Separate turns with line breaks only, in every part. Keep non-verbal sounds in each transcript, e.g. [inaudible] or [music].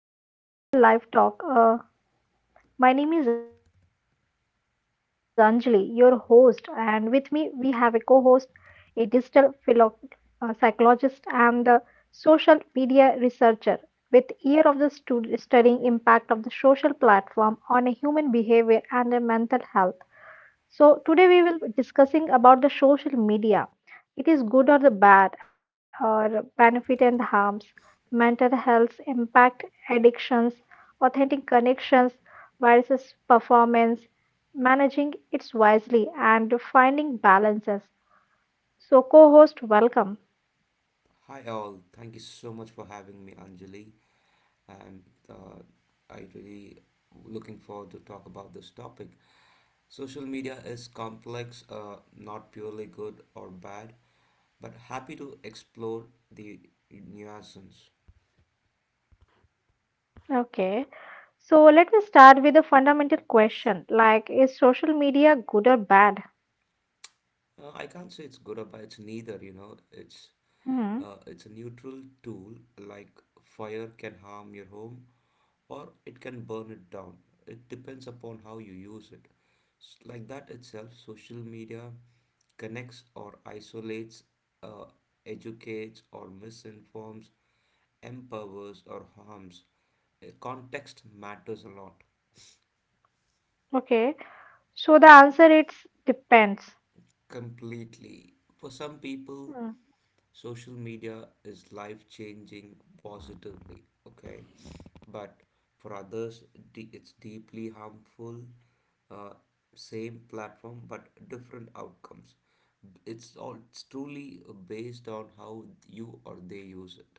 and welcome to the live talk. My name is Anjali, your host, and with me we have a co host, a digital psychologist, and a social media researcher with ear of the studying impact of the social platform on a human behavior and a mental health. So today we will be discussing about the social media. It is good or the bad, or benefit and harms, mental health impact, addictions, authentic connections, viruses performance, managing it wisely, and finding balances. So co-host, welcome.
Hi all, thank you so much for having me, Anjali, and uh, I really looking forward to talk about this topic. Social media is complex, not purely good or bad, but happy to explore the nuances.
Okay. So let me start with a fundamental question like is social media good or bad?
I can't say it's good or bad. It's neither. You know, it's
Hmm.
uh, it's a neutral tool. Like fire can harm your home, or it can burn it down. It depends upon how you use it. Like that itself, social media connects or isolates, uh, educates or misinforms, empowers or harms. Context matters a lot,
Okay. So the answer it's depends.
completely. For some people,
Hmm.
social media is life changing positively, okay? But for others, it's deeply harmful. Uh, Same platform, but different outcomes. It's truly based on how you or they use it.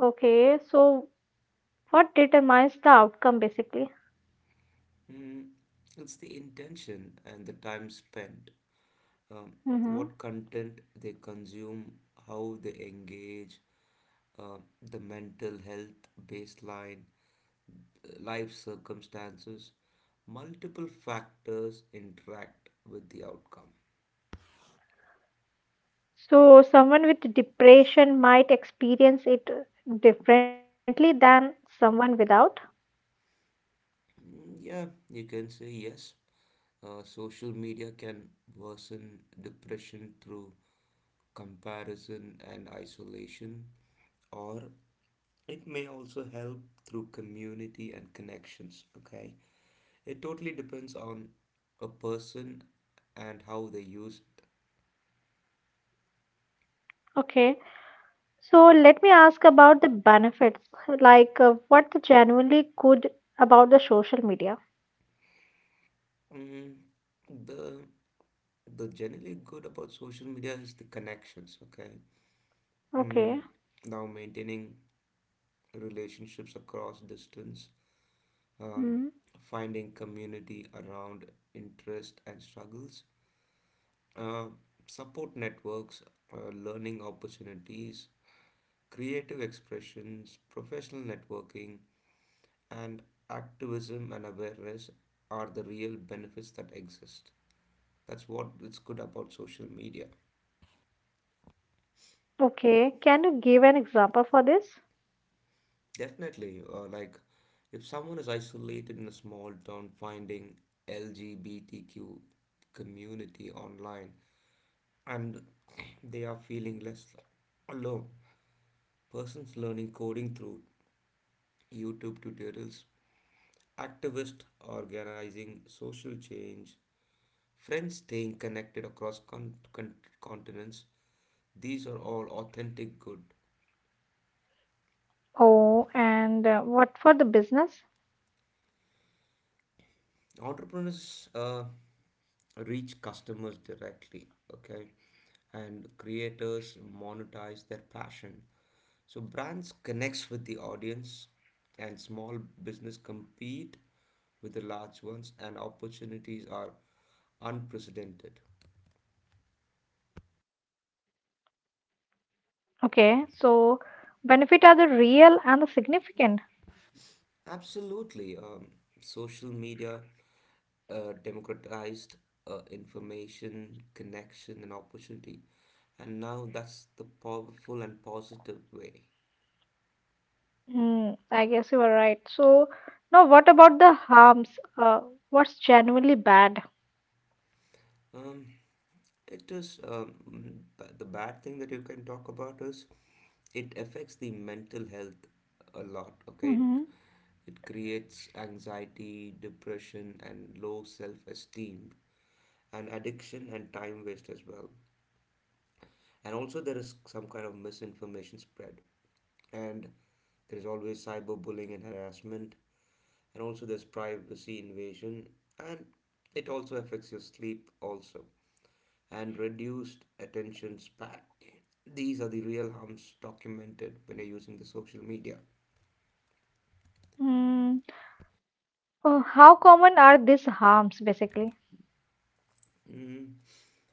Okay, so what determines the outcome basically?
Mm, it's the intention and the time spent, um,
Hmm.
what content they consume, how they engage, uh, the mental health baseline, life circumstances, multiple factors interact with the outcome.
So, someone with depression might experience it differently than someone without.
Mm, yeah, you can say yes. Social media can worsen depression through comparison and isolation, or it may also help through community and connections. Okay, it totally depends on a person and how they use it.
Okay, so let me ask about the benefits, like what the genuinely good about the social media.
Mm, the the generally good about social media is the connections. Okay, mm,
Okay,
now maintaining relationships across distance, um,
mm,
finding community around interest and struggles, uh, support networks, learning opportunities, creative expressions, professional networking, and activism and awareness are the real benefits that exist. That's what it's good about social media.
okay, can you give an example for this?
Definitely, like if someone is isolated in a small town, finding LGBTQ community online and they are feeling less alone. Persons learning coding through YouTube tutorials, activists organizing social change, friends staying connected across continents, these are all authentic good.
Oh, and what for the business?
Entrepreneurs reach customers directly, okay, and creators monetize their passion, so brands connects with the audience and small business compete with the large ones, and opportunities are unprecedented.
Okay, so benefit are the real and the significant.
Absolutely. Social media democratized information, connection and opportunity, and now that's the powerful and positive way.
Hmm, I guess you are right. So, now what about the harms? Uh, what's genuinely bad?
Um, it is the bad thing that you can talk about is it affects the mental health a lot. Okay, it,
Mm-hmm.
it creates anxiety, depression, and low self-esteem, and addiction and time waste as well. And also there is some kind of misinformation spread, and there is always cyberbullying and harassment, and also there's privacy invasion, and it also affects your sleep also and reduced attention span. These are the real harms documented when you're using the social media.
Mm. Oh, how common are these harms basically?
Mm.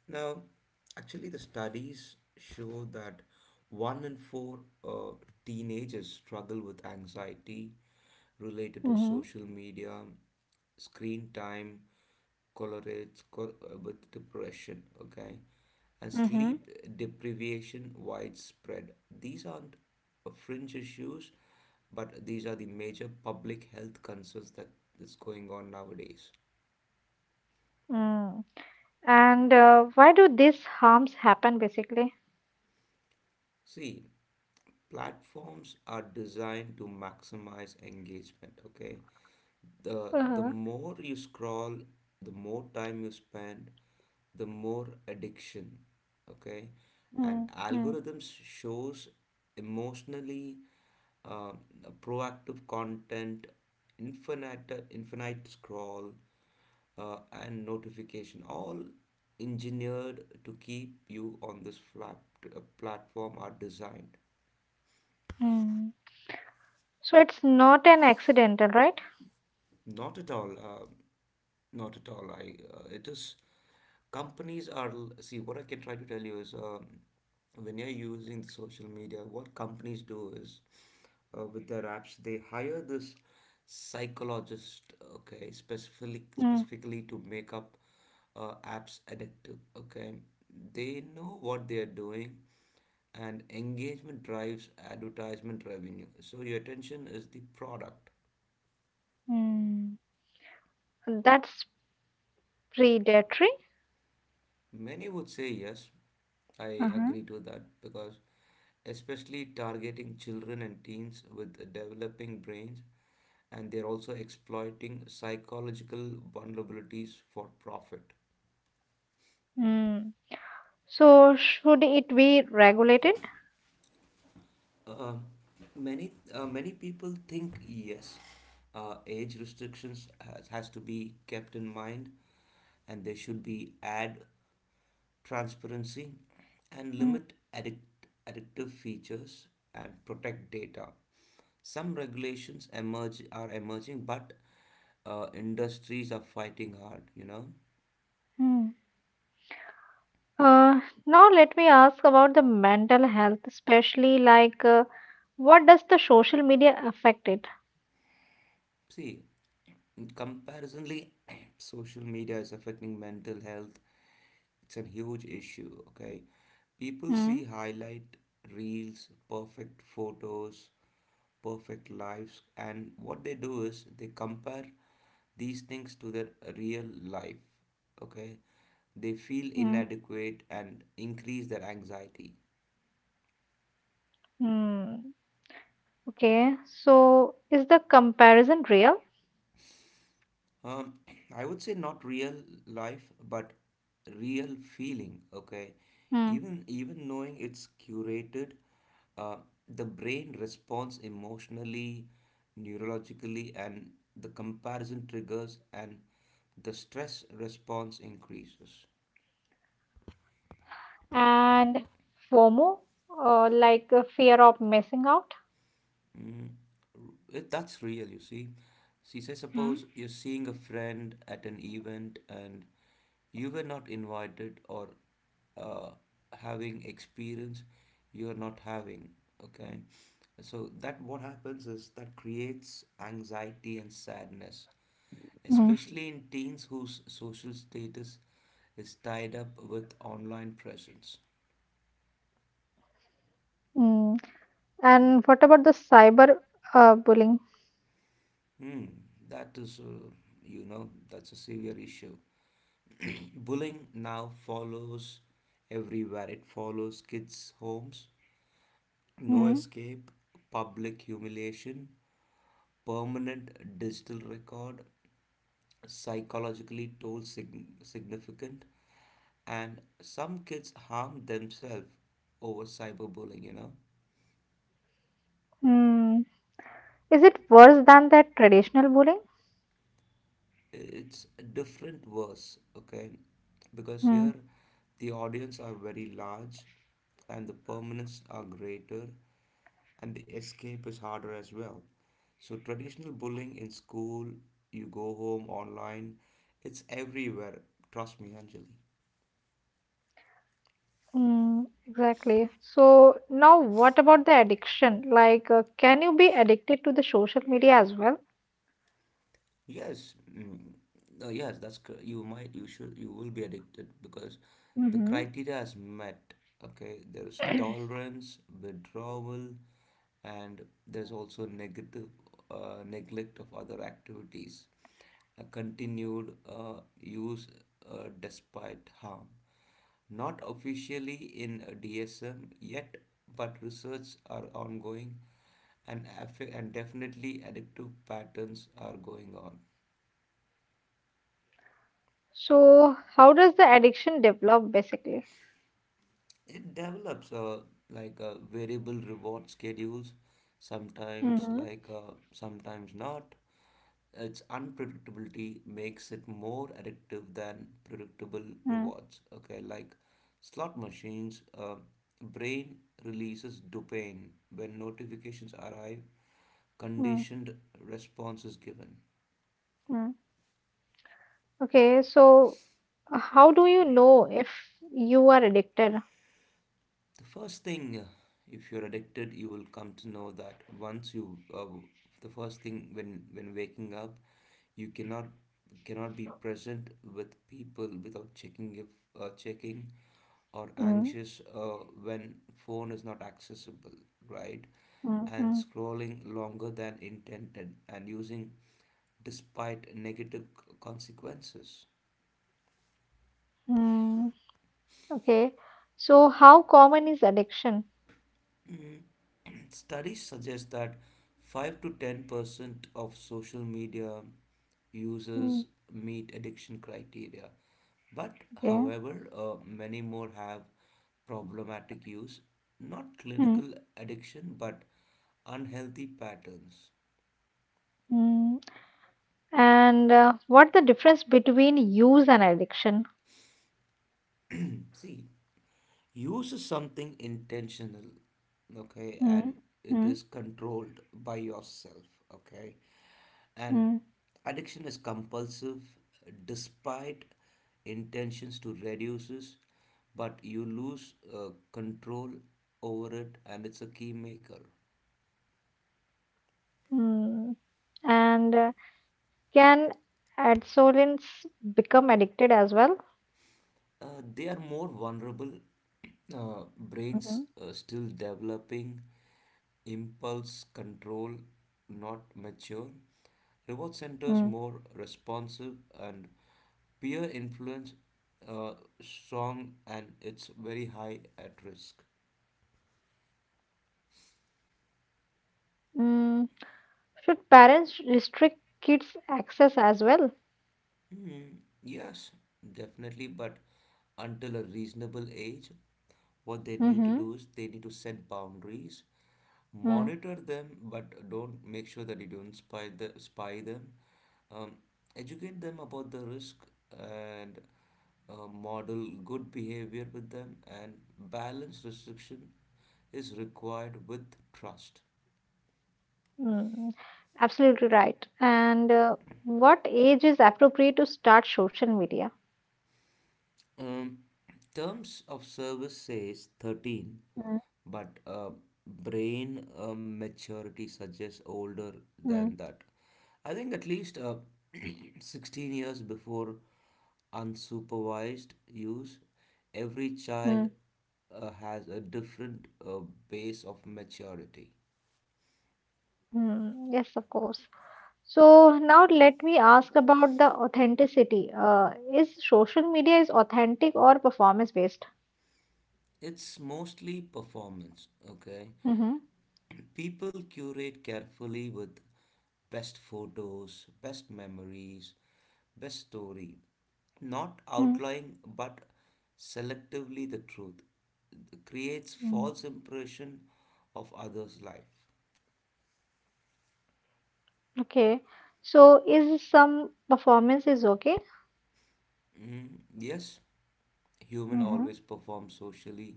Now, actually, the studies show that one in four teenagers struggle with anxiety related to
Mm-hmm.
social media, screen time, collarettes with depression, okay? And
Mm-hmm.
sleep deprivation widespread. These aren't fringe issues, but these are the major public health concerns that is going on nowadays.
Mm. And why do these harms happen basically?
See, platforms are designed to maximize engagement, okay? The
Uh-huh.
more you scroll, the more time you spend, the more addiction, okay. And
Mm, mm,
algorithms shows emotionally uh, proactive content, infinite scroll, and notification, all engineered to keep you on this flat, platform are designed.
mm. So it's not an accidental, right?
Not at all. Not at all. I It is companies are see what I can try to tell you is, when you're using the social media, what companies do is, with their apps they hire this psychologist. Okay, specifically
Mm,
specifically to make up apps addictive. Okay, they know what they are doing and engagement drives advertisement revenue. So your attention is the product.
mm. That's predatory.
Many would say yes. I
Uh-huh.
agree to that because, especially targeting children and teens with developing brains, and they're also exploiting psychological vulnerabilities for profit.
Mm. So should it be regulated?
Uh, many many people think yes, age restrictions has to be kept in mind, and there should be ad transparency, and
Mm,
addictive features and protect data. Some regulations emerge are emerging, but industries are fighting hard. You know,
mm. Now let me ask about the mental health, especially like what does the social media affect it?
see, comparisonly, [coughs] [clears throat] social media is affecting mental health. It's a huge issue, okay? People
Hmm.
see highlight reels, perfect photos, perfect lives, and what they do is they compare these things to their real life, okay? They feel
Hmm.
inadequate and increase their anxiety.
Hmm. Okay. So is the comparison real?
Um, [clears throat] I would say not real life, but real feeling. Okay,
Hmm.
even knowing it's curated, uh, the brain responds emotionally, neurologically, and the comparison triggers, and the stress response increases.
And FOMO, like fear of missing out.
Mm, that's real, you see. See, say,
Hmm.
suppose you're seeing a friend at an event and you were not invited, or uh, having experience you're not having, okay? So that what happens is that creates anxiety and sadness,
Hmm.
especially in teens whose social status is tied up with online presence.
Hmm. And what about the cyber bullying?
Hmm, that is, that's a severe issue. [clears throat] Bullying now follows everywhere. It follows kids' homes, no
Hmm.
escape, public humiliation, permanent digital record, psychologically toll significant, and some kids harm themselves over cyberbullying. You know,
Hmm. Is it worse than that traditional bullying?
it's a different verse, okay? Because
Hmm,
here the audience are very large and the permanence are greater and the escape is harder as well. So, traditional bullying in school, you go home online, it's everywhere. Trust me, Anjali.
mm, exactly. So now what about the addiction? Like, can you be addicted to the social media as well?
Yes, mm, no, yes, that's cor- you might, you should, you will be addicted because the
Mm-hmm. [clears throat]
criteria is met. Okay, there's tolerance, withdrawal, and there's also negative neglect of other activities, a continued use despite harm. Not officially in DSM yet, but research are ongoing, and, and definitely addictive patterns are going on.
So how does the addiction develop basically?
It develops like a variable reward schedules, sometimes,
Mm-hmm.
sometimes not. Its unpredictability makes it more addictive than predictable
Mm,
rewards. Okay, like slot machines, brain releases dopamine when notifications arrive,
mm,
conditioned responses given.
mm. Okay, so how do you know if you are addicted?
The first thing, if you're addicted, you will come to know that once you, the first thing when waking up, you cannot be present with people without checking, if checking or
Mm.
anxious uh, when phone is not accessible, right?
Mm,
And
mm,
scrolling longer than intended, and using despite negative consequences.
mm. Okay, so how common is addiction?
[clears throat] Studies suggest that 5 to 10% of social media
Mm.
users meet addiction criteria. But,
Okay.
however, many more have problematic use, not
Mm,
clinical addiction, but unhealthy patterns.
mm. And what the difference between use and addiction?
See, use is something intentional, okay,
Mm,
and it
mm,
is controlled by yourself, okay. And
mm,
addiction is compulsive despite intentions to reduce it, but you lose control over it, and it's a key maker.
mm. And can adolescents become addicted as well?
They are more vulnerable. [clears throat] Brains
Mhm,
still developing, impulse control not mature, reward centers more
mm.
responsive, and peer influence uh, strong, and it's very high at risk.
Mm. Should parents restrict kids' access as well?
Hmm, yes, definitely, but until a reasonable age, what they need to
Mm-hmm.
do is they need to set boundaries,
Mm,
monitor them, but don't make sure that you don't spy them. Um, Educate them about the risk and model good behavior with them, and balance restriction is required with trust.
mm. Absolutely right. And what age is appropriate to start social media?
Um, Terms of service says 13,
Mm,
but brain maturity suggests older
mm,
than that. I think at least, [clears throat] 16 years before unsupervised use. Every child
mm,
has a different base of maturity.
mm. Yes, of course. So now let me ask about the authenticity. Is social media is authentic or performance based?
It's mostly performance, okay?
Mm-hmm.
People curate carefully with best photos, best memories, best story, not outlying but selectively the truth creates false
Mm.
impression of others life.
Okay. So is some performance is okay?
Mm, yes, human
Mm-hmm.
always perform socially.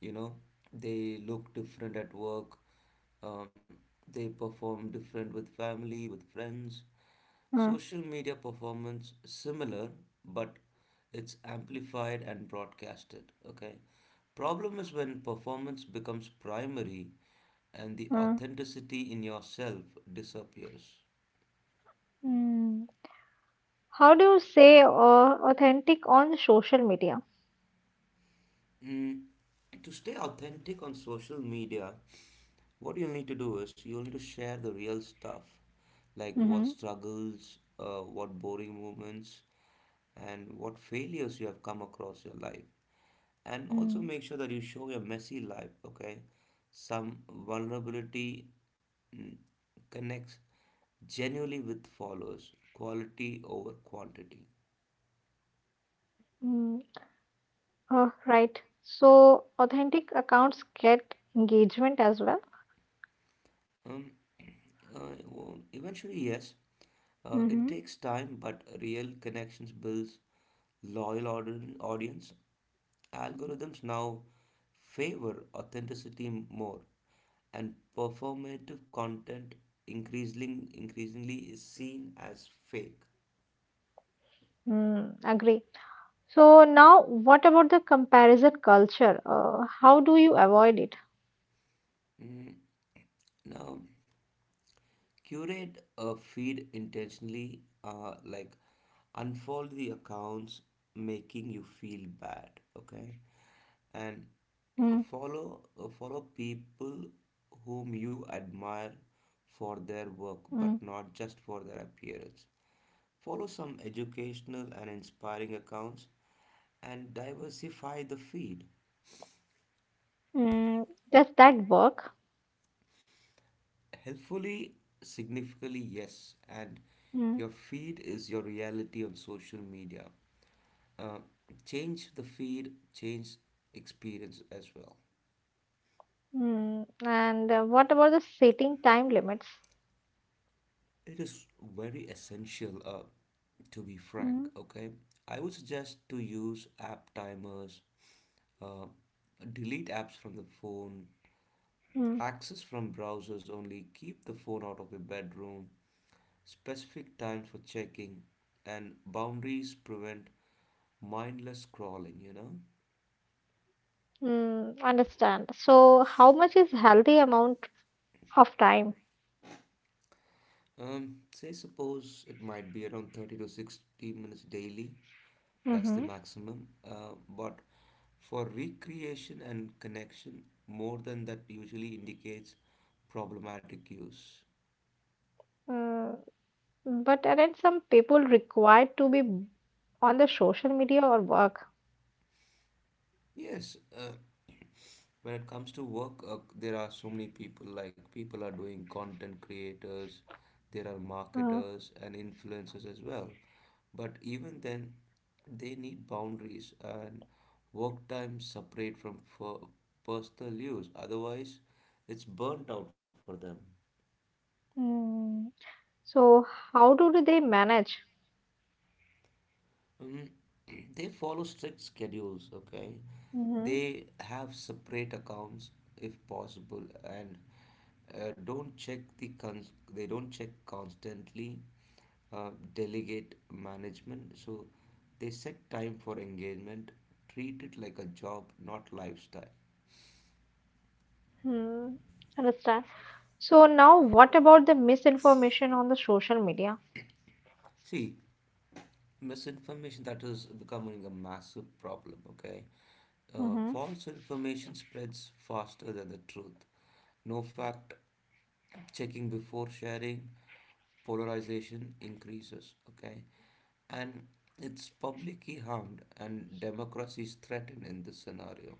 You know, they look different at work. Um, they perform different with family, with friends.
mm
Social media performance similar, but it's amplified and broadcasted. Okay, problem is when performance becomes primary, and the
mm
authenticity in yourself disappears.
Mm. How do you say authentic on social media?
Mm, to stay authentic on social media, what you'll need to do is you'll need to share the real stuff, like what
Mm-hmm.
struggles, what boring moments, and what failures you have come across your life. And also
Mm.
make sure that you show your messy life, okay? Some vulnerability, mm, connects genuinely with followers, quality over quantity.
Mm. Right. So authentic accounts get engagement as well.
Um, well, eventually, yes, it
Mm-hmm.
takes time, but real connections builds loyal audience. Algorithms now favor authenticity more, and performative content increasingly is seen as fake.
Mm, agree. So now, what about the comparison culture? How do you avoid it?
Mm, now curate a feed intentionally, like unfold the accounts making you feel bad, okay, and
Mm,
follow people whom you admire for their work
mm,
but not just for their appearance, follow some educational and inspiring accounts, and diversify the feed.
mm, does that work?
Helpfully, significantly yes, and
Mm,
your feed is your reality on social media. uh, Change the feed, change experience as well.
mm. And what about the setting time limits?
It is very essential, to be
Mm,
frank. Okay, I would suggest to use app timers, uh, delete apps from the phone,
mm,
access from browsers only, keep the phone out of your bedroom, specific times for checking, and boundaries prevent mindless scrolling. You know,
mm, understand. So how much is healthy amount of time?
say suppose it might be around 30 to 60 minutes daily. That's the
Mm-hmm.
maximum. But for recreation and connection, more than that usually indicates problematic use.
Mm, but aren't some people required to be on the social media or work?
Yes, when it comes to work, there are so many people, like people are doing content creators, there are
Mm,
marketers and influencers as well. But even then, they need boundaries and work time separate from for personal use. Otherwise, it's burnt out for them.
mm. So how do they manage?
Mm, they follow strict schedules, okay? They have separate accounts if possible and don't check the cons they don't check constantly, delegate management. So they set time for engagement, treat it like a job, not lifestyle.
Hmm, understand. So now what about the misinformation on the social media?
See, misinformation that is becoming a massive problem, okay.
Mm-hmm.
False information spreads faster than the truth. No fact checking before sharing, polarization increases, okay, and it's publicly harmed and democracy is threatened in this scenario.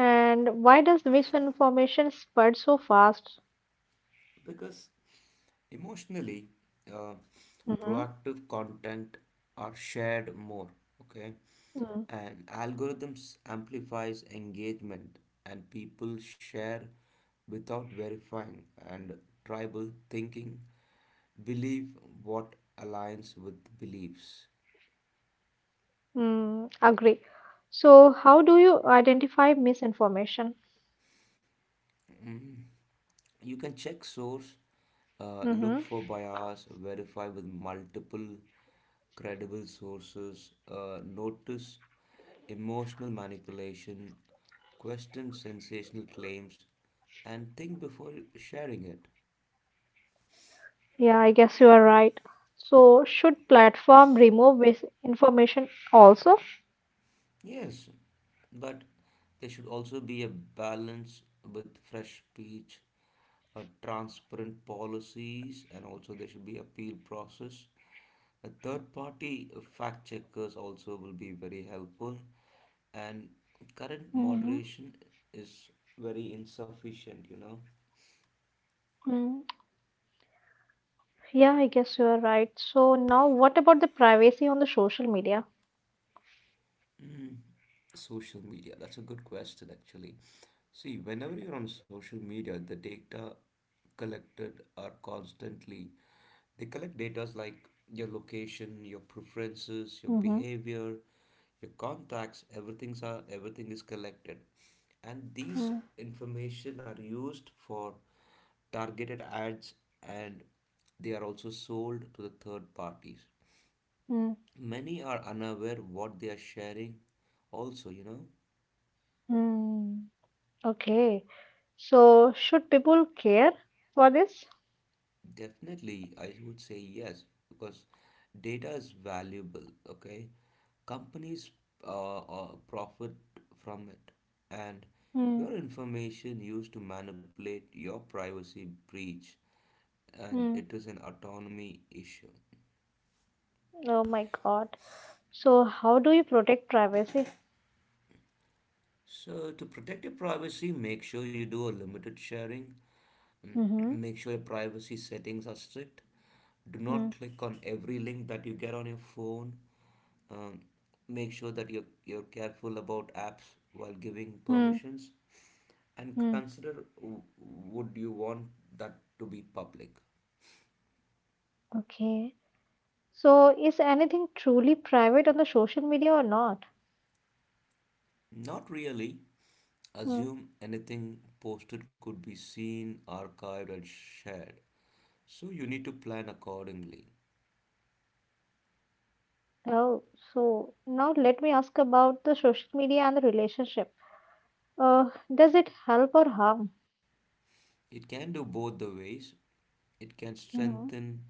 And why does misinformation spread so fast?
Because emotionally, uh,
Mm-hmm.
proactive content are shared more, okay?
Mm,
And algorithms amplifies engagement and people share without verifying, and tribal thinking believe what aligns with beliefs.
mm, agree. So how do you identify misinformation?
Mm. You can check source,
Mm-hmm.
look for bias, verify with multiple credible sources, notice emotional manipulation, question sensational claims, and think before sharing it.
Yeah, I guess you are right. So should platform remove misinformation also?
Yes, but there should also be a balance with fresh speech, transparent policies, and also there should be appeal process. A third party fact checkers also will be very helpful, and current
Mm-hmm.
moderation is very insufficient, you know.
Mm, yeah, I guess you are right. So now what about the privacy on the social media?
Social media, that's a good question actually. See, whenever you're on social media, the data collected are constantly, they collect data like your location, your preferences, your
Mm-hmm.
behavior, your contacts, everything is collected. And these information are used for targeted ads, and they are also sold to the third parties.
Mm-hmm.
Many are unaware what they are sharing also, you know.
Hmm. Okay. So, should people care for this?
Definitely, I would say yes, because data is valuable, okay? Companies profit from it, and
Hmm.
your information used to manipulate your privacy breach, and
Hmm.
it is an autonomy issue.
Oh my God. So, how do you protect privacy?
So, to protect your privacy, make sure you do a limited sharing.
Mm-hmm.
Make sure your privacy settings are strict. Do not
Hmm.
click on every link that you get on your phone. Um, Make sure that you're careful about apps while giving
mm,
permissions. And
mm.
consider would you want that to be public?
Okay. So, is anything truly private on the social media or not?
Not really.
Hmm.
Assume anything posted could be seen, archived, and shared. So you need to plan accordingly.
Oh, so now let me ask about the social media and the relationship. Uh, does it help or harm?
It can do both the ways. It can
Mm-hmm.
strengthen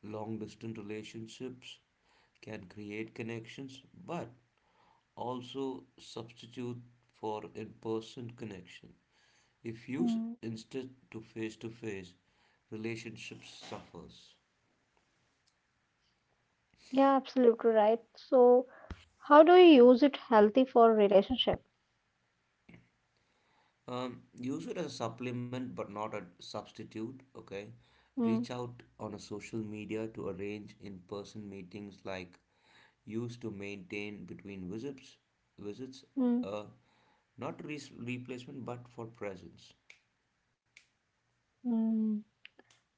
long distance relationships, can create connections, but also substitute for in person connection. If used
Mm.
instead to face, relationships suffers.
Yeah, absolutely right. So, how do you use it healthy for relationship?
Use it as a supplement but not a substitute, okay?
Mm,
Reach out on a social media to arrange in-person meetings, like used to maintain between visits,
mm,
uh, not replacement but for presence.
mm.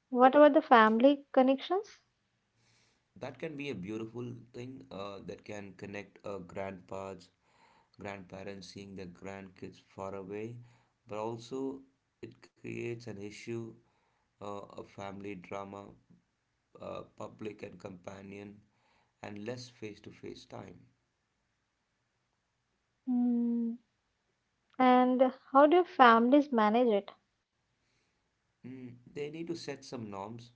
What about the family connections?
That can be a beautiful thing, that can connect, grandparents seeing their grandkids far away, but also it creates an issue, a family drama, public and companion and less face to face time.
Mm, and how do families manage it?
Mm, they need to set some norms,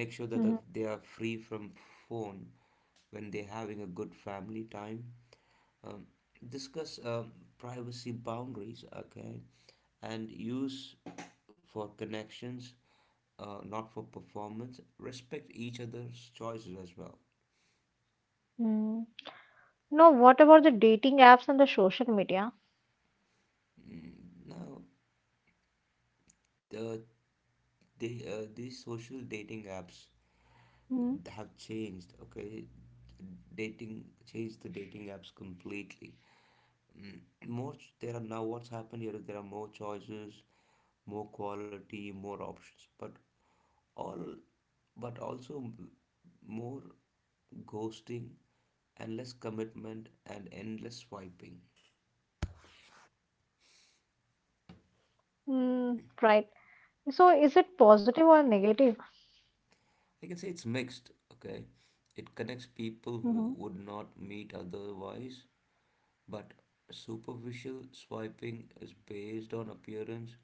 make sure that
Mhm,
they are free from phone when they're having a good family time. Um, Discuss, privacy boundaries, okay, and use for connections, not for performance. Respect each other's choices as well.
mm. No, what about the dating apps and the social media?
Mm, now, the, these social dating apps
Mm,
have changed, okay. dating changed The dating apps completely. Mm, there are now, what's happened here is there are more choices, more quality, more options, but all but also m- more ghosting and less commitment and endless swiping.
mm, right. So is it positive or negative?
I can say it's mixed, okay. It connects people who
Mhm,
would not meet otherwise. But superficial swiping is based on appearance,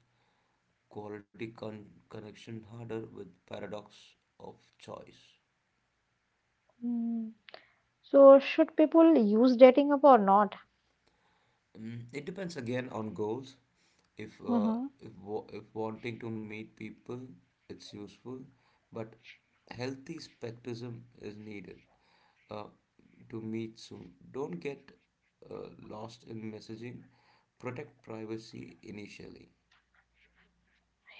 quality connection harder with paradox of choice.
mm. So should people use dating app or not?
Mm, it depends again on goals. If uh,
Hmm.
if wanting to meet people, it's useful, but healthy skepticism is needed, uh, to meet soon. Don't get lost in messaging. Protect privacy initially.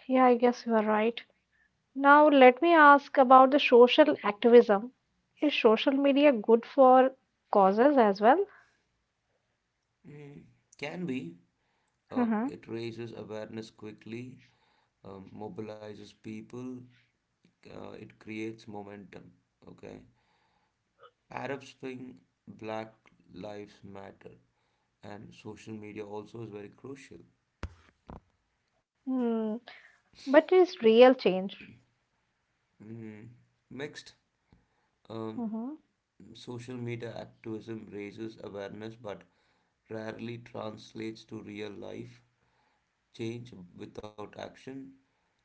Yeah, I guess you are right. Now, let me ask about the social activism. Is social media good for causes as well?
Mm, can be.
Hmm.
It raises awareness quickly, mobilizes people, it creates momentum. Okay. Arab Spring, Black Lives Matter, and social media also is very crucial.
Hmm. But is real change?
Mm, next, um,
Hmm.
social media activism raises awareness but rarely translates to real life change without action.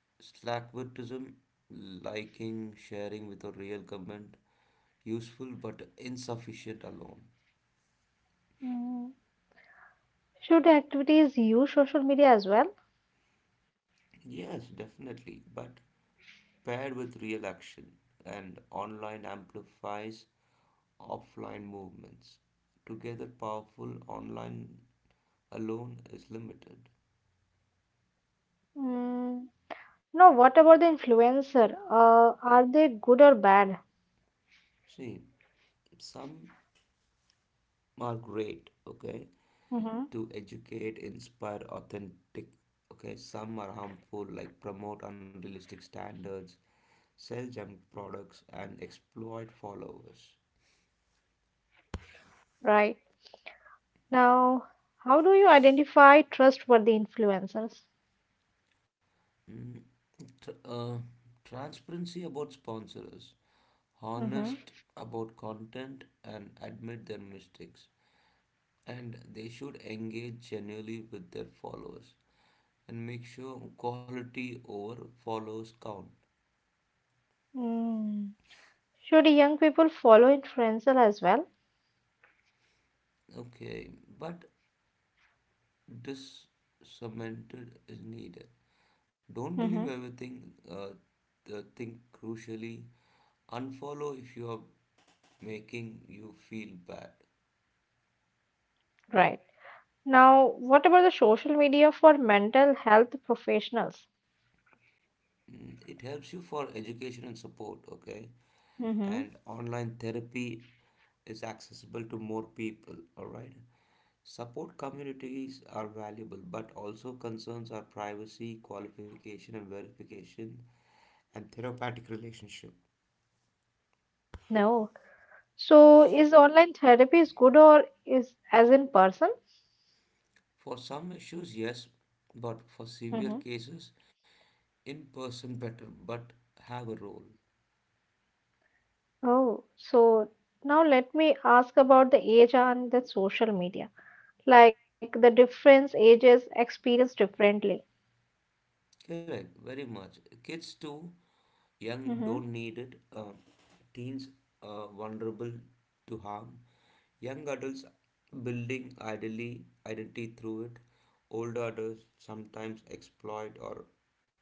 Slackbirtism, liking, sharing with a real comment, useful but insufficient alone.
Mm. Should activities use social media as well?
Yes, definitely, but paired with real action, and online amplifies offline movements. Together, powerful. Online alone is limited.
Mm. No, what about the influencer? Are they good or bad?
See, some are great, okay,
Hmm.
to educate, inspire authentic. Okay, some are harmful, like promote unrealistic standards, sell junk products, and exploit followers.
Right. Now, how do you identify trustworthy influencers?
Mm, tr- uh, Transparency about sponsors,
Hmm.
honest about content, and admit their mistakes. And they should engage genuinely with their followers and make sure quality over follows count.
Mm. Should young people follow influencer as well?
Okay, but this cemented is needed. Don't believe
Hmm.
everything. The think crucially. Unfollow if you are making you feel bad.
Right. Now, what about the social media for mental health professionals?
Mm, it helps you for education and support. Okay,
Mm-hmm.
and online therapy is accessible to more people. All right. Support communities are valuable, but also concerns are privacy, qualification, and verification, and therapeutic relationship.
No. So, is online therapy is good or is as in person?
For some issues, yes, but for severe
Mm-hmm.
cases, in person better, but have a role.
Oh, so now let me ask about the age and the social media. Like the difference ages experience differently.
Correct, very much. Kids too, young
Mm-hmm.
don't need it. Teens, vulnerable to harm. Young adults building ideally identity through it. Older adults sometimes exploit or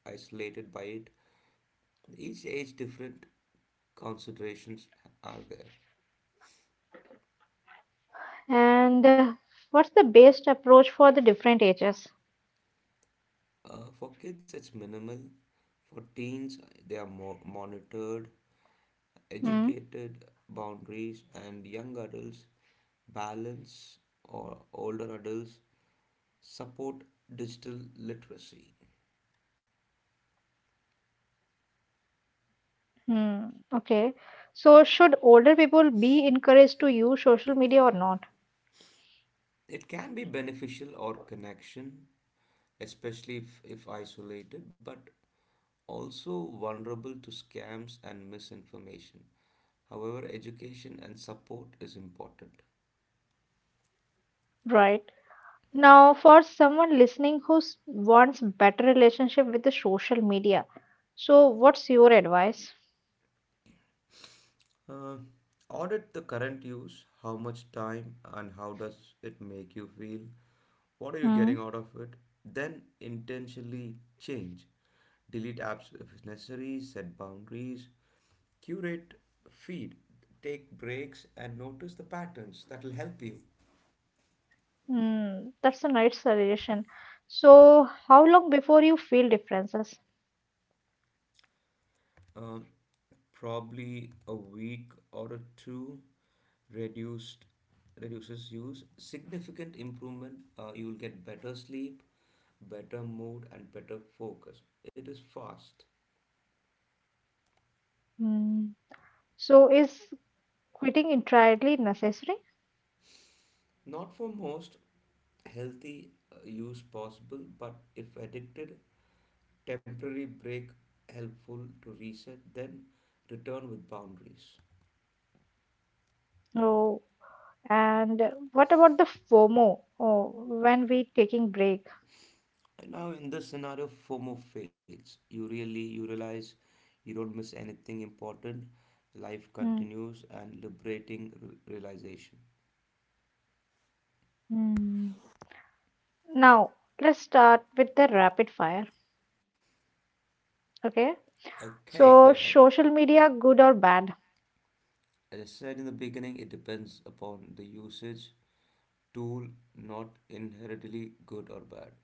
isolated by it. Each age different considerations are there.
And what's the best approach for the different ages?
For kids, it's minimal. For teens, they are more monitored, educated boundaries, and young adults balance or older adults support digital literacy.
Hmm. Okay. So should older people be encouraged to use social media or not?
It can be beneficial or connection, especially if isolated, but also vulnerable to scams and misinformation. However, education and support is important.
Right. Now, for someone listening who wants better relationship with the social media, so what's your advice?
Uh, Audit the current use. How much time and how does it make you feel? What are you
Hmm.
getting out of it? Then intentionally change. Delete apps if necessary, set boundaries, curate feed, take breaks, and notice the patterns that will help you.
Hmm, that's a nice suggestion. So, how long before you feel differences?
um, Probably a week or a two. Reduced Reduces use significant improvement, you will get better sleep, better mood, and better focus. It is fast.
Hmm. So, is quitting entirely necessary?
Not for most, healthy use possible, but if addicted, temporary break helpful to reset, then return with boundaries.
Oh, and what about the FOMO? Oh, when we taking break?
Right now, in this scenario, FOMO fades. You realize you don't miss anything important. Life
Hmm.
continues and liberating realization.
Hmm. Now, let's start with the rapid fire. Okay.
Okay, go
So,
ahead.
social media, good or bad,
As I said in the beginning, it depends upon the usage tool, not inherently good or bad.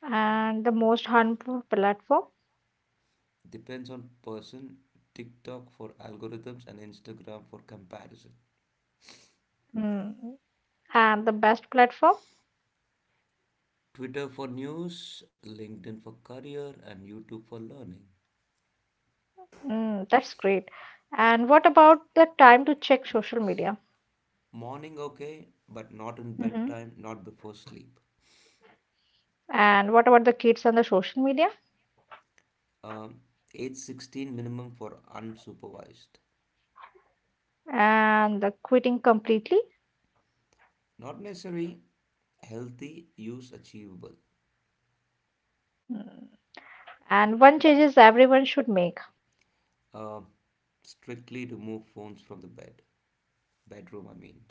and the most harmful platform,
Depends on person. TikTok for algorithms and Instagram for comparison.
mm, and the best platform,
Twitter for news, LinkedIn for career, and YouTube for learning.
mm, that's great. And what about the time to check social media?
Morning okay, but not in
Hmm.
bedtime, not before sleep.
And what about the kids on the social media
Um, Age 16 minimum for unsupervised.
and the quitting completely?
Not necessary, healthy, use achievable.
Mm. And one changes everyone should make.
Um, Strictly remove phones from the bed. Bedroom, I mean.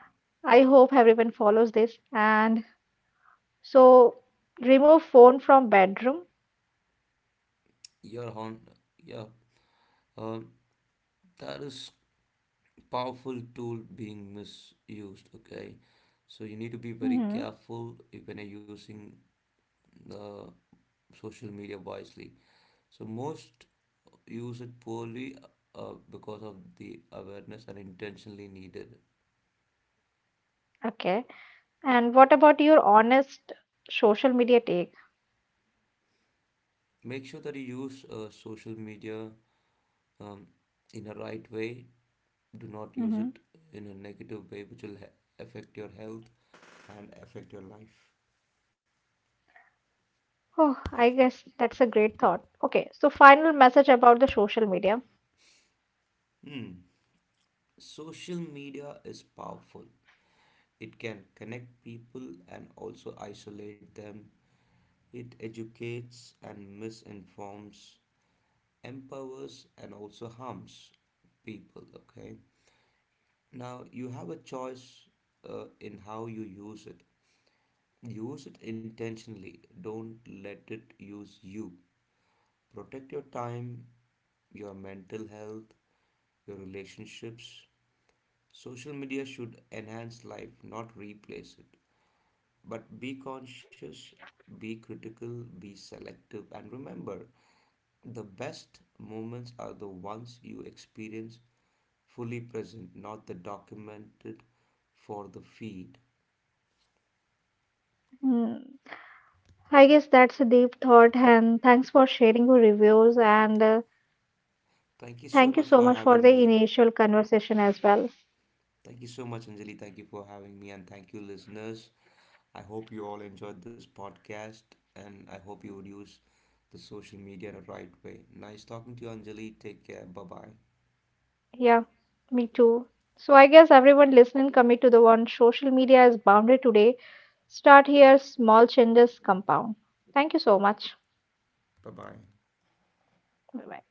I hope everyone follows this. And so, remove phone from bedroom.
Your horn, yeah. Um, that is powerful tool being misused, okay? So you need to be very
Hmm.
careful if when you're using the social media wisely. So most use it poorly, because of the awareness and intentionally needed.
Okay. And what about your honest social media take?
Make sure that you use, social media, um, in a right way. Do not use
Hmm.
it in a negative way, which will affect your health and affect your life.
Oh, I guess that's a great thought. Okay, so final message about the social media.
Hmm. Social media is powerful. It can connect people and also isolate them. It educates and misinforms, empowers and also harms people. Okay, now you have a choice, in how you use it. Use it intentionally, don't let it use you. Protect your time, your mental health, your relationships. Social media should enhance life, not replace it. But be conscious, be critical, be selective, and remember the best moments are the ones you experience fully present, not the documented for the feed.
Mm, I guess that's a deep thought, and thanks for sharing your reviews. And
Thank you so
thank you
much
so
for
much for the
having me.
initial conversation as well.
Thank you so much, Anjali. Thank you for having me, and thank you, listeners. I hope you all enjoyed this podcast, and I hope you would use the social media the right way. Nice talking to you, Anjali. Take care. Bye bye.
Yeah, me too. So, I guess everyone listening, commit to the one social media is boundary today. Start here, small changes compound. Thank you so much.
Bye bye.
Bye bye.